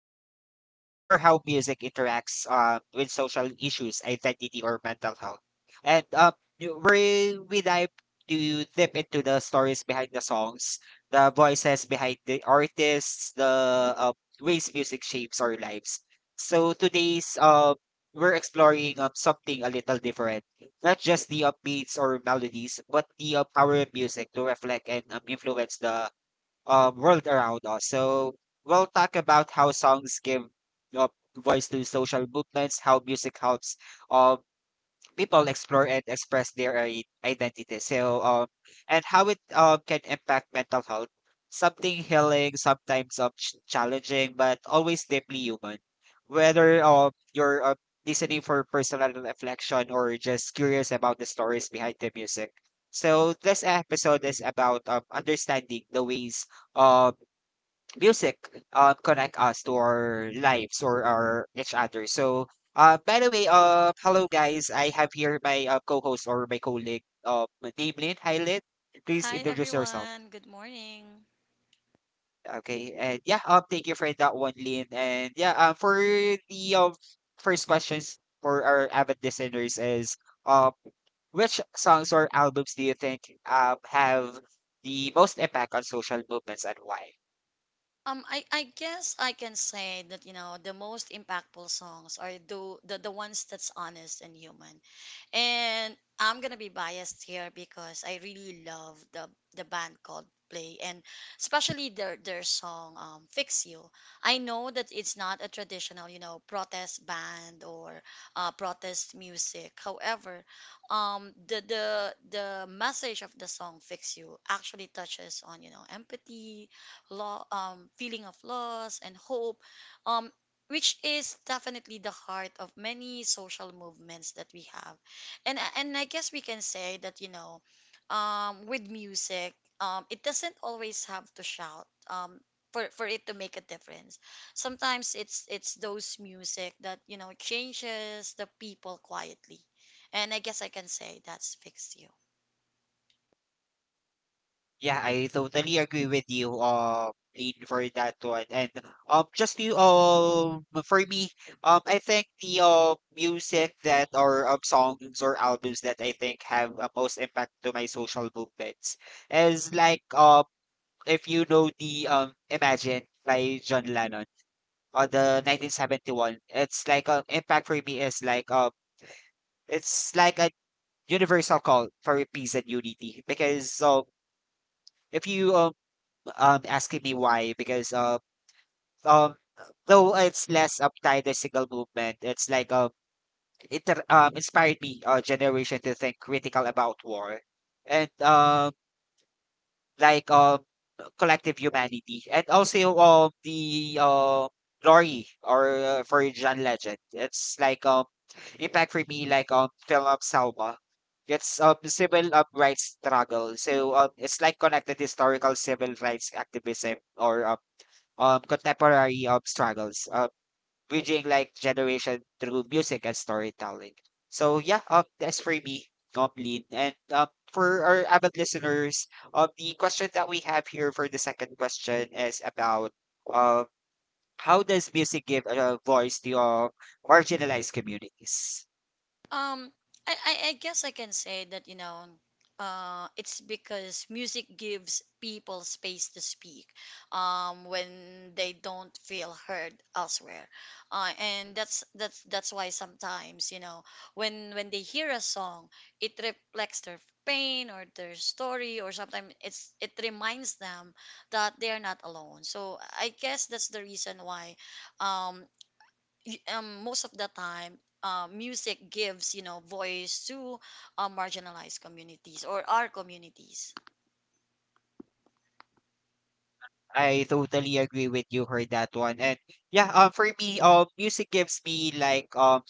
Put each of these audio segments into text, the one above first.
um Explore How Music Interacts with Social Issues, Identity or Mental Health. And we dive to dip into the stories behind the songs, the voices behind the artists, the ways music shapes our lives. So today's we're exploring something a little different. Not just the upbeats or melodies, but the power of music to reflect and influence the world around us. So we'll talk about how songs give uh, voice to social movements, how music helps uh, people explore and express their identity. So, and how it can impact mental health. Something healing, sometimes challenging, but always deeply human. Whether you're listening for personal reflection or just curious about the stories behind the music. So, this episode is about understanding the ways um, music connect us to our lives or our each other. So, by the way, hello guys. I have here my co-host or my colleague, name Lynn. Hi, Lynn. Please Hi introduce yourself. everyone, good morning. Okay, and yeah, thank you for that one, Lynn. And yeah, for the first questions for our avid listeners is um, which songs or albums do you think have the most impact on social movements and why? I guess I can say that, you know, the most impactful songs are the ones that's honest and human. And I'm gonna be biased here because I really love the band Coldplay and especially their song "Fix You." I know that it's not a traditional, you know, protest band or protest music. However, the message of the song "Fix You" actually touches on you know empathy, feeling of loss and hope, um, which is definitely the heart of many social movements that we have. And I guess we can say that you know, with music, it doesn't always have to shout. For it to make a difference sometimes it's those music that you know changes the people quietly and I guess I can say that's fixed you. Yeah, I totally agree with you, Aiden, for that one. And just to for me, I think the music that or songs or albums that I think have most impact to my social movements is like if you know the Imagine by John Lennon or the 1971. It's like impact for me is like it's like a universal call for peace and unity because if you asking me why because um though it's less uptight as single movement, it's like it inspired me generation to think critical about war and like collective humanity and also the glory or for John Legend. It's like impact for me like film of Salma. It's civil rights struggle. So it's like connected historical civil rights activism or contemporary struggles, bridging like generation through music and storytelling. So yeah, that's for me, Lin. And for our avid listeners, the question that we have here for the second question is about um, how does music give a voice to marginalized communities? Um, I guess I can say that, you know, it's because music gives people space to speak when they don't feel heard elsewhere. And that's why sometimes, you know, when they hear a song, it reflects their pain or their story, or sometimes it reminds them that they are not alone. So I guess that's the reason why um, most of the time, music gives you know voice to marginalized communities or our communities. I totally agree with you for that one. And yeah, for me, music gives me like um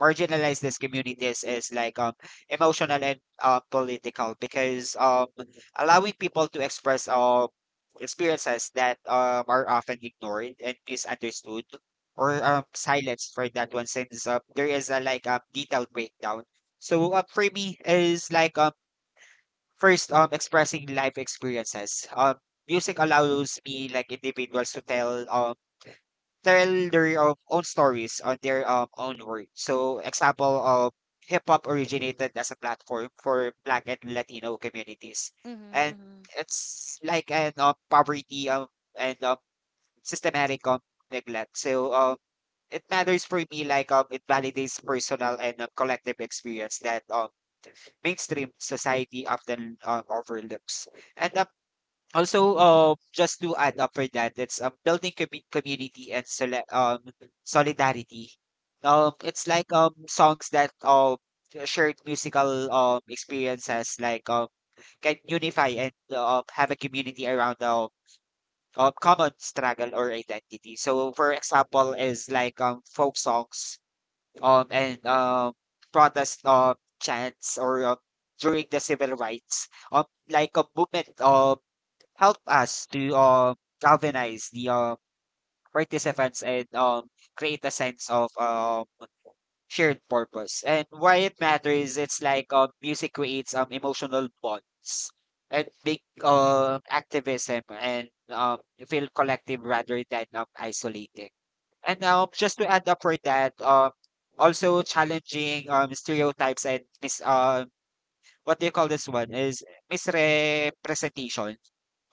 Marginalize these communities is like emotional and political because allowing people to express experiences that are often ignored and misunderstood or silenced for that one since there is a like detailed breakdown. So for me is like first expressing life experiences. Music allows me like individuals to tell tell their own stories on their own work. So, example of hip hop originated as a platform for Black and Latino communities, Mm-hmm, and mm-hmm, it's like an poverty and systematic neglect. So, it matters for me like it validates personal and collective experience that mainstream society often overlooks. And also, just to add up for that, it's building community and solidarity. It's like songs that shared musical experiences like can unify and have a community around a common struggle or identity. So, for example, is like folk songs and protest chants or during the civil rights um like a movement of help us to galvanize the participants and create a sense of shared purpose. And why it matters, it's like music creates emotional bonds and big activism and feel collective rather than isolating. And just to add up for that, also challenging stereotypes and what do you call this one, is misrepresentation.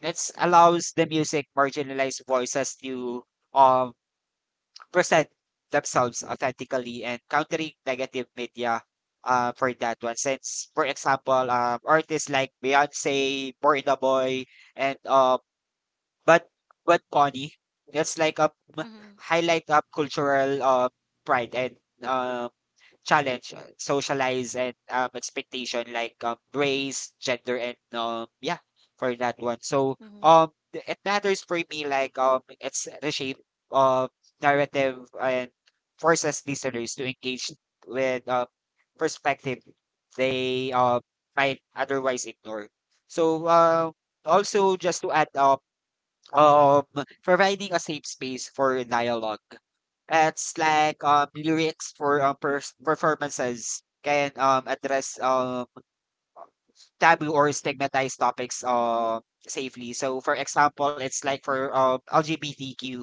It allows the music marginalized voices to um, present themselves authentically and countering negative media for that one. Since, for example, artists like Beyonce, Burna Boy, and but but Connie, that's like a highlight of cultural pride and um. Challenge, socialize, and expectation like race, gender, and yeah, for that one. So mm-hmm, it matters for me like it's the shape of narrative and forces listeners to engage with perspective they might otherwise ignore. So also just to add up um providing a safe space for dialogue it's like lyrics for performances can address taboo or stigmatized topics safely. So, for example, it's like for LGBTQ,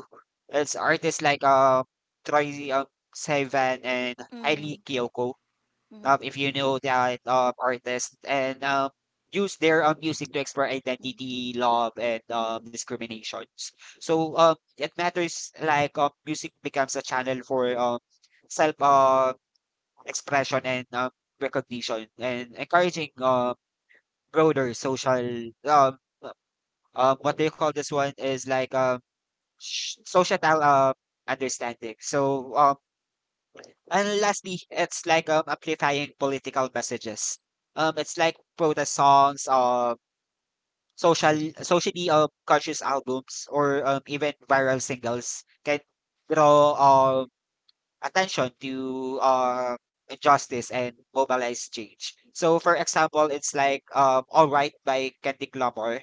it's artists like Troy Sivan and mm-hmm, Hailey Kiyoko mm-hmm, if you know that artist and use their music to explore mm-hmm. identity, love, and discriminations. So it matters like music becomes a channel for self expression and recognition and encouraging broader social what do you call this one is like societal understanding. So and lastly, it's like amplifying political messages. It's like protest songs, social, socially conscious albums, or even viral singles can draw attention to injustice and mobilize change. So, for example, it's like All Right by Kendrick Lamar.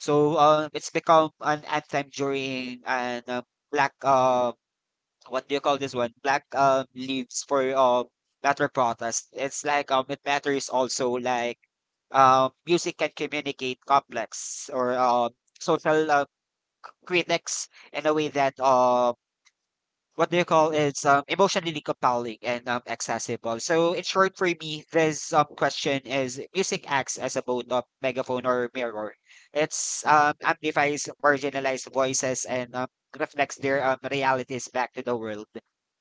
So it's become an anthem during an black what do you call this one? Black leaves for matter protest. It's like it matters also like music can communicate complex or social critics in a way that what do you call it's emotionally compelling and accessible. So in short, for me, this question is music acts as a both of megaphone or mirror. It's amplifies marginalized voices and reflects their realities back to the world,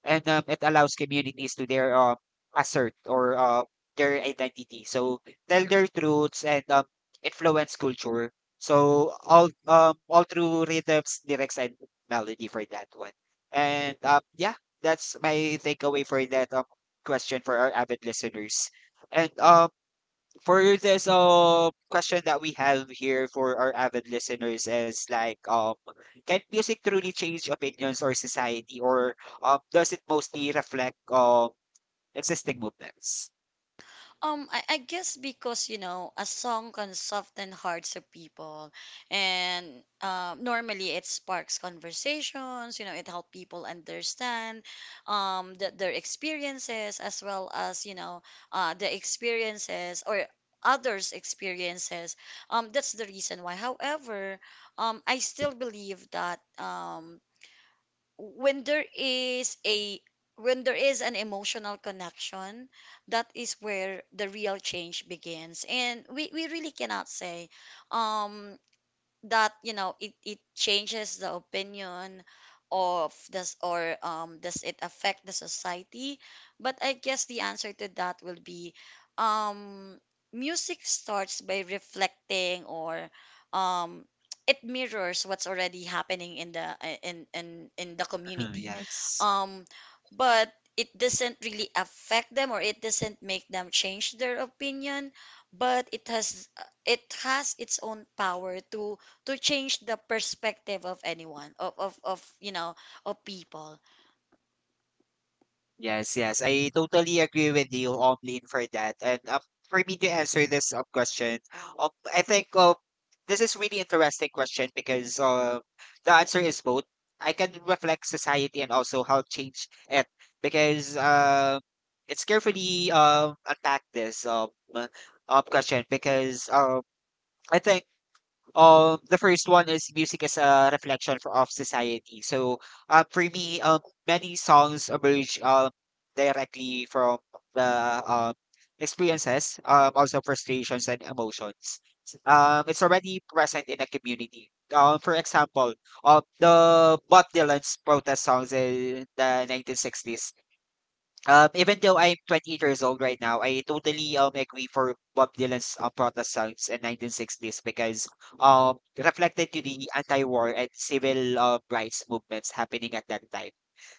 and it allows communities to their assert or their identity. So tell their truths and influence culture. So all all through rhythms, lyrics, and melody for that one. And, yeah, that's my takeaway for that, question for our avid listeners. And, for this, question that we have here for our avid listeners is like, can music truly change opinions or society, or, does it mostly reflect, existing movements? I guess because you know a song can soften hearts of people, and normally it sparks conversations. You know, it helps people understand their experiences as well as you know the experiences or others' experiences. That's the reason why. However, I still believe that when there is a when there is an emotional connection, that is where the real change begins, and we really cannot say um that you know it changes the opinion of this or does it affect the society, but I guess the answer to that will be um music starts by reflecting or um it mirrors what's already happening in the Mhm, community yes. um but it doesn't really affect them or it doesn't make them change their opinion, but it has its own power to change the perspective of anyone of you know of people. Yes, yes. I totally agree with you, Omlin, for that. And for me to answer this question, I think this is really interesting question because the answer is both. I can reflect society and also help change it because it's carefully attack this uh, question because I think the first one is music as a reflection of society. So, for me, many songs emerge directly from the um, experiences, also frustrations and emotions. It's already present in a community. For example, the Bob Dylan's protest songs in the 1960s even though I'm 28 years old right now, I totally agree for Bob Dylan's protest songs in 1960s because reflected to the anti-war and civil rights movements happening at that time,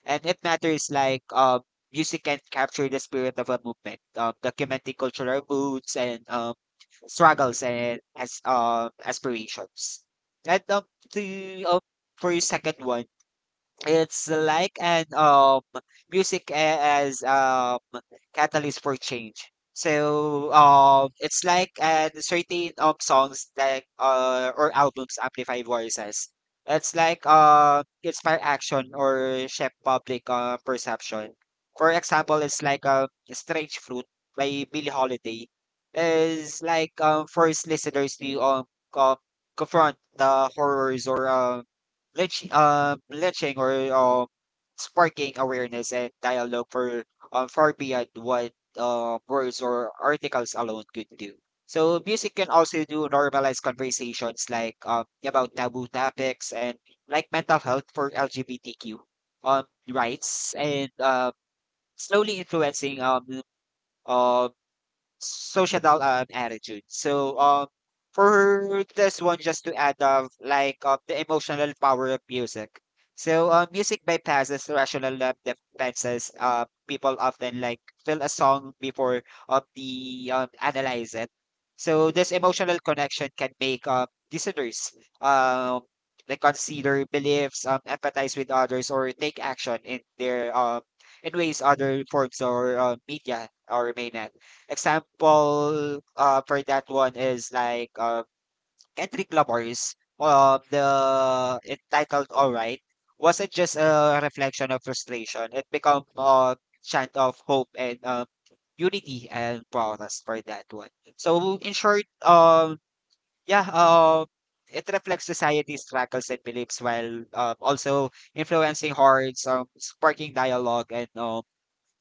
and it matters like music can capture the spirit of a movement, documenting cultural moods and struggles and as aspirations. And to for your second one. It's like an music as catalyst for change. So it's like an certain songs like or albums amplify voices. It's like inspire action or shape public perception. For example, it's like a Strange Fruit by Billie Holiday is like force listeners to co- confront the horrors or lynching or sparking awareness and dialogue for far beyond what words or articles alone could do. So music can also do normalize conversations like about taboo topics and like mental health for LGBTQ um, rights and slowly influencing uh, Societal, attitude. So, for this one, just to add up, like, the emotional power of music. So, music bypasses rational defenses. People often like feel a song before of the analyze it. So, this emotional connection can make listeners um like consider beliefs, empathize with others, or take action in their in ways other forms or media or may not. Example, for that one is like Kendrick Lamar's the entitled "All Right" wasn't just a reflection of frustration. It became a chant of hope and unity and progress for that one. So in short, yeah, it reflects society's struggles and beliefs while also influencing hearts, sparking dialogue and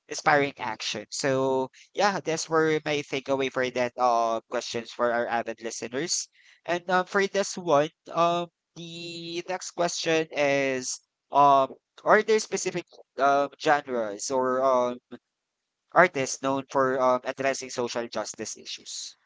inspiring action. So yeah, that's where my takeaway for that questions for our avid listeners. And for this one, the next question is um are there specific genres or artists known for addressing social justice issues?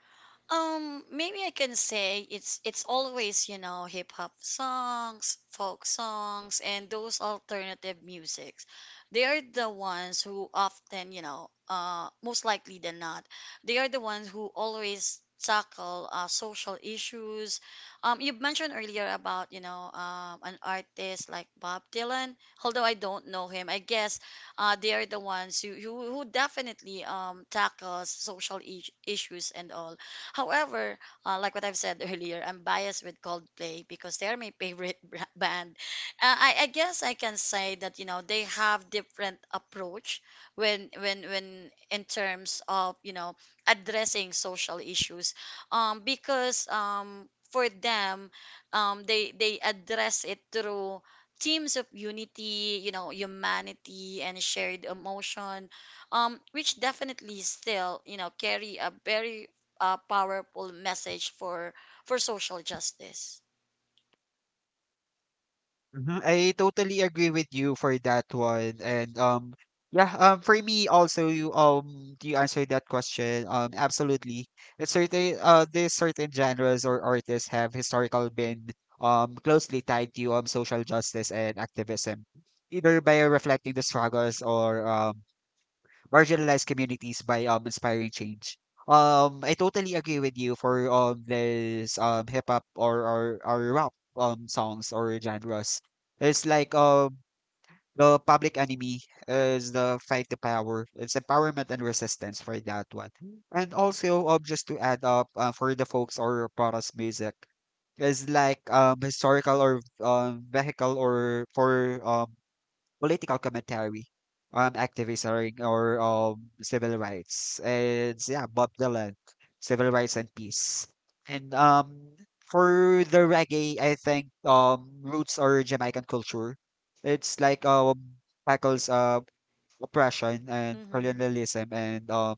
Maybe I can say it's always, you know, hip hop songs, folk songs, and those alternative musics. They are the ones who often, you know, most likely than not, they are the ones who always tackle social issues. You mentioned earlier about, you know, an artist like Bob Dylan. Although I don't know him, I guess they are the ones who definitely tackles social issues and all. However, like what I've said earlier, I'm biased with Coldplay because they're my favorite band. I guess I can say that you know they have different approach when in terms of you know addressing social issues, because for them, they address it through themes of unity, you know, humanity and shared emotion, which definitely still, you know, carry a very powerful message for social justice. Mhm, I totally agree with you for that one. And yeah, for me also you you answered that question. Absolutely. It's certain there's certain genres or artists have historical been closely tied to social justice and activism, either by reflecting the struggles or marginalized communities by inspiring change. I totally agree with you for this hip hop or rap songs or genres. It's like the Public Enemy is the fight to power. It's empowerment and resistance for that one. And also just to add up for the folks or protest music is like historical or vehicle or for political commentary on activism or civil rights. And yeah, Bob Dylan, civil rights and peace. And For the reggae, I think roots or Jamaican culture. It's like tackles oppression and Mm-hmm. colonialism and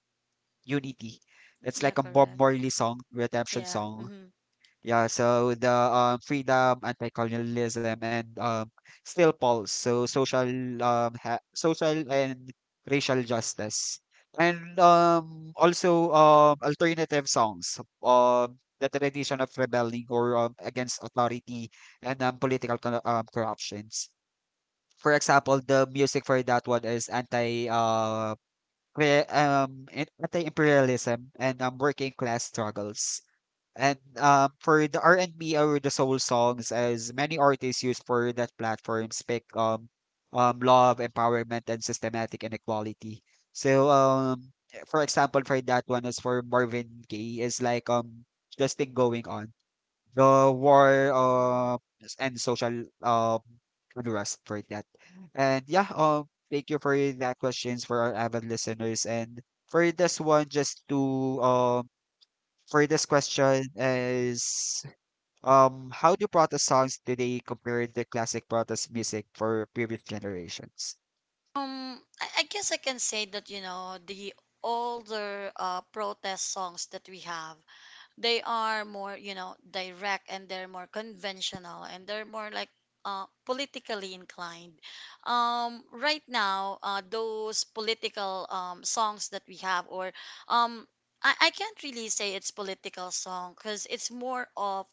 unity. It's Yeah, like a Bob correct. Marley song, redemption Yeah. song, Mm-hmm. yeah, so the freedom, anti-colonialism, and still pulse. So social, ha social and racial justice, and also alternative songs, the tradition of rebelling or against authority and political co corruptions. For example, the music for that one is pre um, anti-imperialism and working class struggles. And For the R&B or the soul songs, as many artists use for that platform, speak love, empowerment, and systematic inequality. So, for example, for that one is for Marvin Gaye is like this thing going on, the war and social unrest for that. And yeah, thank you for that questions for our avid listeners. And for this one, just to um for this question is how do protest songs today compare to classic protest music for previous generations? I guess I can say that you know the older protest songs that we have, they are more you know direct and they're more conventional and they're more like politically inclined. Um, right now those political songs that we have or um, I can't really say it's political song because it's more of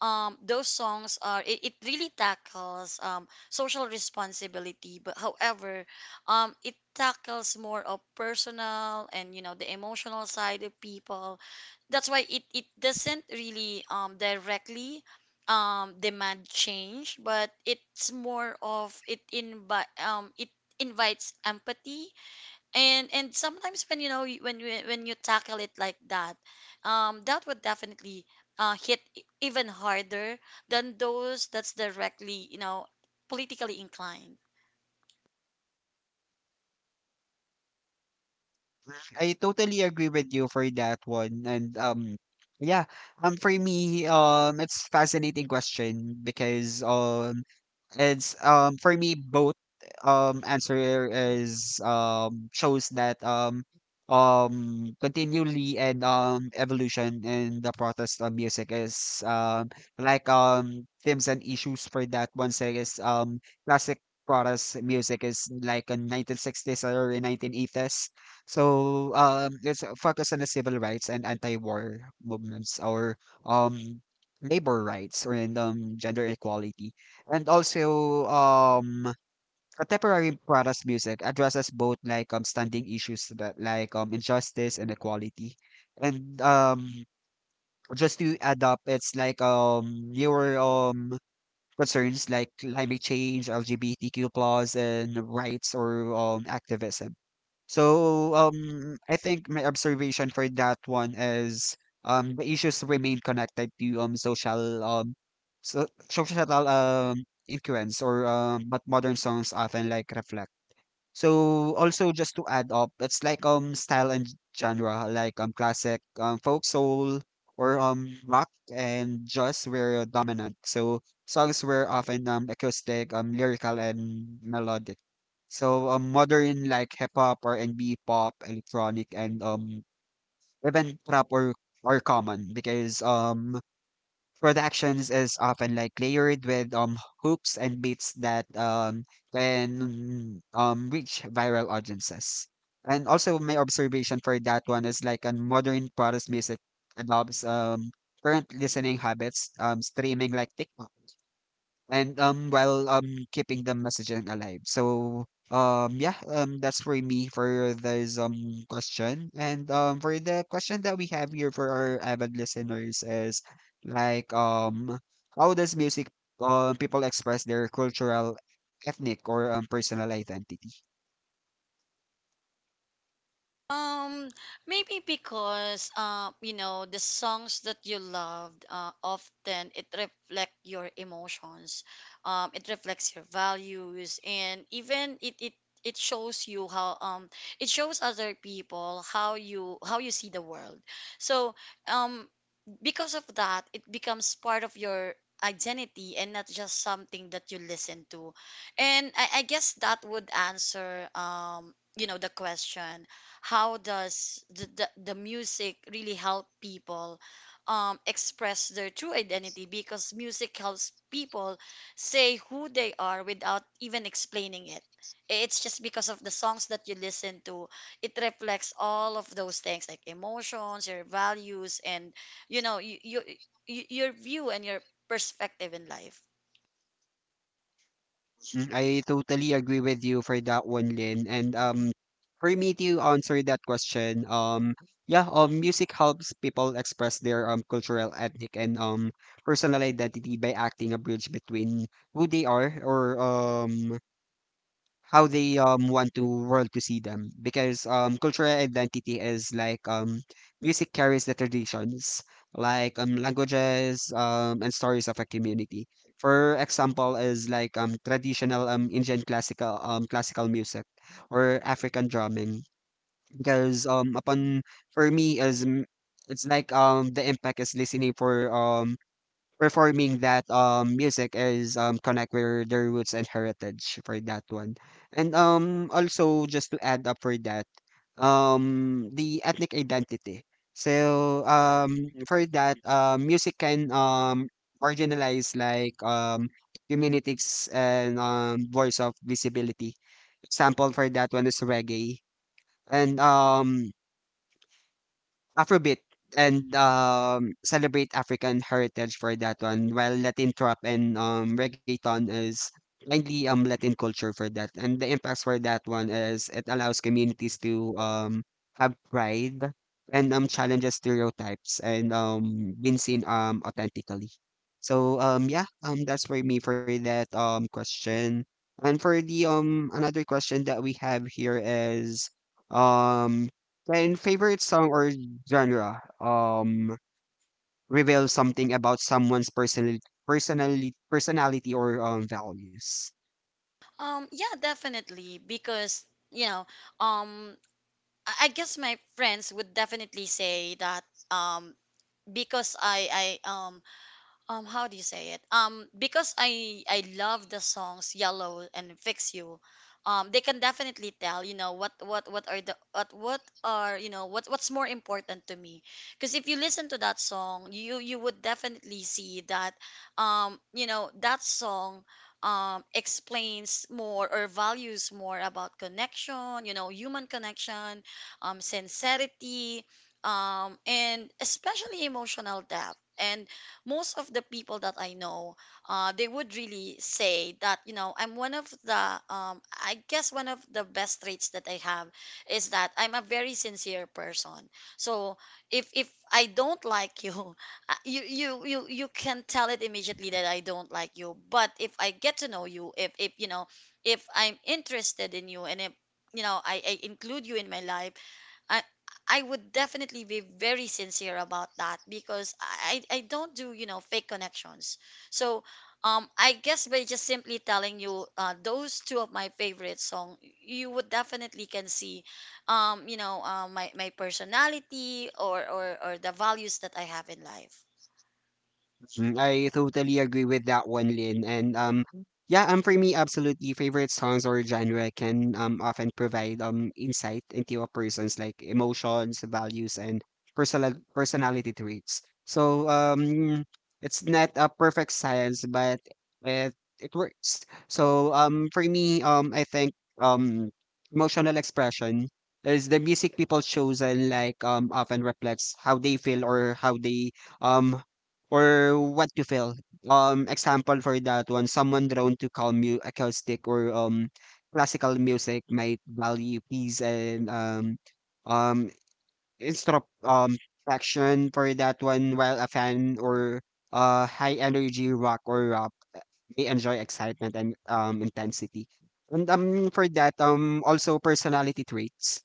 those songs are it really tackles social responsibility, but however it tackles more of personal and you know the emotional side of people. That's why it doesn't really directly demand change, but it's more of it invite it invites empathy. And sometimes when you know you- when you when you tackle it like that that would definitely hit even harder than those that's directly you know politically inclined. I totally agree with you for that one. And yeah, for me, it's fascinating question because it's for me both answer is shows that continually and evolution in the protest of music is like themes and issues for that one say is classic protest music is like in 1960s or 1980s, so let's focus on the civil rights and anti-war movements or um, labor rights or in gender equality. And also contemporary protest music addresses both like standing issues that like injustice and equality. And Just to add up, it's like newer concerns like climate change, LGBTQ plus, and rights or activism. So, I think my observation for that one is the issues remain connected to social social influence or what modern songs often like reflect. So, also just to add up, it's like style and genre, like classic folk soul or rock and jazz were dominant. So songs were often acoustic, lyrical and melodic. So modern like hip hop or NB pop, electronic and even trap or common because productions is often like layered with hooks and beats that can reach viral audiences. And also my observation for that one is like on modern protest music adopts current listening habits streaming like TikTok and while keeping the messaging alive. So yeah, that's for me for this question. And for the question that we have here for our avid listeners is like how does music people express their cultural, ethnic or personal identity? Um, maybe because you know, the songs that you loved, often it reflect your emotions. It reflects your values, and even it shows you how it shows other people how you see the world. So um because of that, it becomes part of your identity and not just something that you listen to. And I guess that would answer, you know, the question, how does the music really help people express their true identity? Because music helps people say who they are without even explaining it. It's just because of the songs that you listen to, it reflects all of those things like emotions, your values, and you know you your view and your perspective in life. Mm, I totally agree with you for that one, Lynn. And for me to answer that question, yeah, music helps people express their cultural, ethnic, and personal identity by acting a bridge between who they are or how they want to world to see them because cultural identity is like music carries the traditions like languages and stories of a community, for example is like traditional indian classical classical music or African drumming because upon for me is m- it's like the impact is listening for performing that music is connect with their roots and heritage for that one. And also just to add up for that, the ethnic identity. So for that music can marginalize like communities and voice of visibility. Example for that one is reggae. And Afrobeat and celebrate African heritage for that one, while Latin trap and reggaeton is mainly Latin culture for that. And the impacts for that one is it allows communities to have pride and challenges stereotypes and being seen authentically. So yeah, that's for me for that question. And for the another question that we have here is um and favorite song or genre reveals something about someone's personality or values. Yeah, definitely because you know um I guess my friends would definitely say that um because I how do you say it because I love the songs yellow and fix you. Um, they can definitely tell you know what are you know what's more important to me because if you listen to that song, you would definitely see that you know that song explains more or values more about connection, you know, human connection, sincerity, and especially emotional depth. And most of the people that I know, they would really say that, you know, I'm one of the, I guess one of the best traits that I have is that I'm a very sincere person. So if I don't like you, you can tell it immediately that I don't like you. But if I get to know you, if you know, if I'm interested in you, and if you know, I include you in my life. I. I would definitely be very sincere about that because I don't do, you know, fake connections. So I guess by just simply telling you those two of my favorite song, you would definitely can see, you know, my personality or, or the values that I have in life. Mm, I totally agree with that one, Lin. And yeah, for me, absolutely, favorite songs or genre can often provide insight into a person's like emotions, values, and personality traits. So it's not a perfect science, but it it works. So for me, I think um, emotional expression is the music people choose and like often reflects how they feel or how they um or what you feel. Example for that one, someone drawn to calm mu acoustic or classical music might value peace and um instro action for that one, while a fan or high energy rock or rap may enjoy excitement and intensity. And for that also personality traits.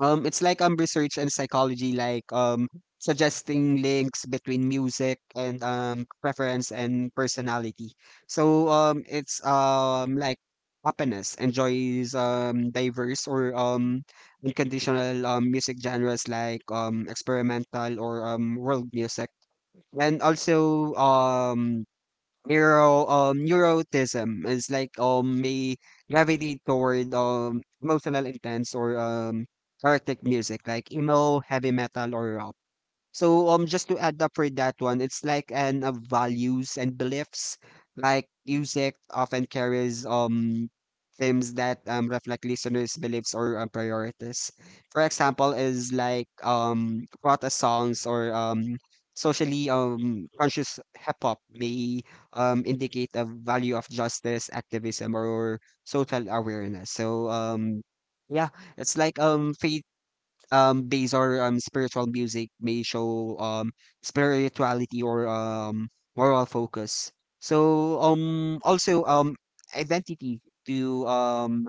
It's like research and psychology, like suggesting links between music and preference and personality. So it's like happiness enjoys diverse or unconditional music genres like experimental or world music and also neuroticism is like may gravitate toward emotional intense or chaotic music like emo, heavy metal or rock. So just to add up for that one, it's like an values and beliefs. Like music often carries themes that reflect listeners' beliefs or priorities. For example, is like protest songs or socially conscious hip hop may indicate a value of justice, activism, or social awareness. So yeah, it's like fade bass or spiritual music may show spirituality or moral focus. So also identity to um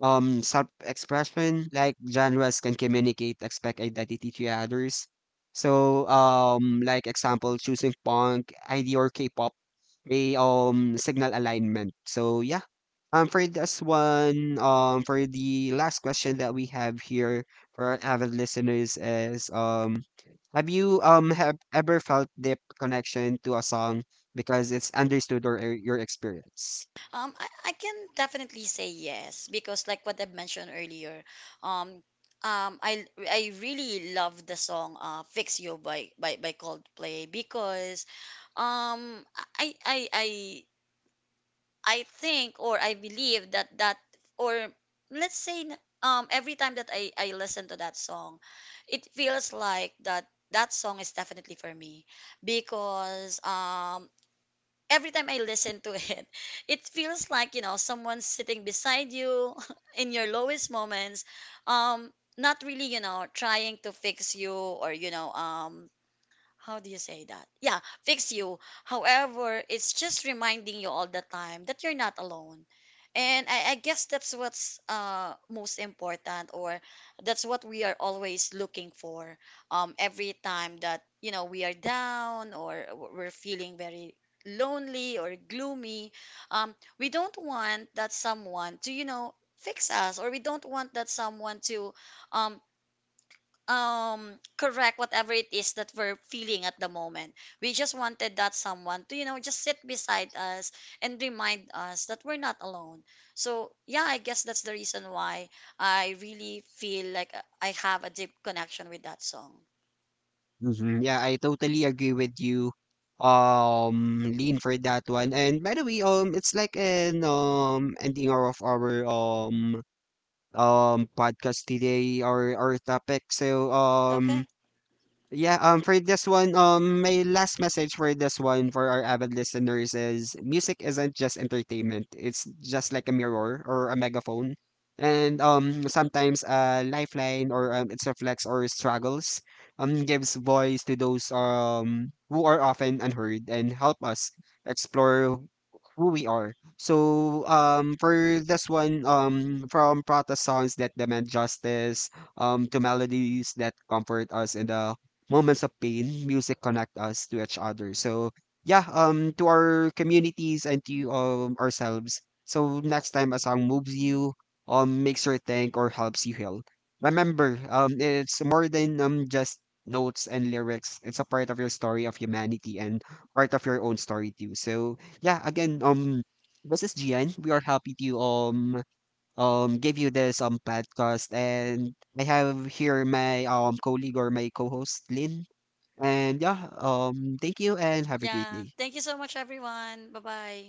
um self-expression like genres can communicate expect identity to others. So like example choosing punk, ID or K-pop a signal alignment. So yeah. For this one, for the last question that we have here for our avid listeners is have you have ever felt deep connection to a song because it's understood or your experience? Um, I, I can definitely say yes because, like what I mentioned earlier, um, I really love the song "Fix You" by Coldplay because um I I I I think or I believe that that or let's say every time that I listen to that song, it feels like that that song is definitely for me because every time I listen to it, it feels like, you know, someone's sitting beside you in your lowest moments, um, not really, you know, trying to fix you or, you know, how do you say that? Yeah, fix you. However, it's just reminding you all the time that you're not alone. And I guess that's what's most important, or that's what we are always looking for. Every time that you know we are down or we're feeling very lonely or gloomy, we don't want that someone to you know fix us, or we don't want that someone to um, correct whatever it is that we're feeling at the moment. We just wanted that someone to you know just sit beside us and remind us that we're not alone. So yeah, I guess that's the reason why I really feel like I have a deep connection with that song. Hmm, yeah, I totally agree with you. Lean for that one. And by the way, it's like an ending of our podcast today or our topic. So Okay, yeah, for this one, my last message for this one for our avid listeners is music isn't just entertainment. It's just like a mirror or a megaphone. And sometimes a lifeline or its reflects or struggles gives voice to those who are often unheard and help us explore who we are. So for this one, from protest songs that demand justice, to melodies that comfort us in the moments of pain, music connect us to each other. So yeah, to our communities and to ourselves. So next time a song moves you, makes you think or helps you heal. Remember, it's more than just notes and lyrics. It's a part of your story of humanity and part of your own story too. So yeah, again, this is Gian. We are happy to give you this podcast and I have here my colleague or my co-host Lynn. And yeah, thank you and have a great yeah, day. thank you so much everyone, bye bye.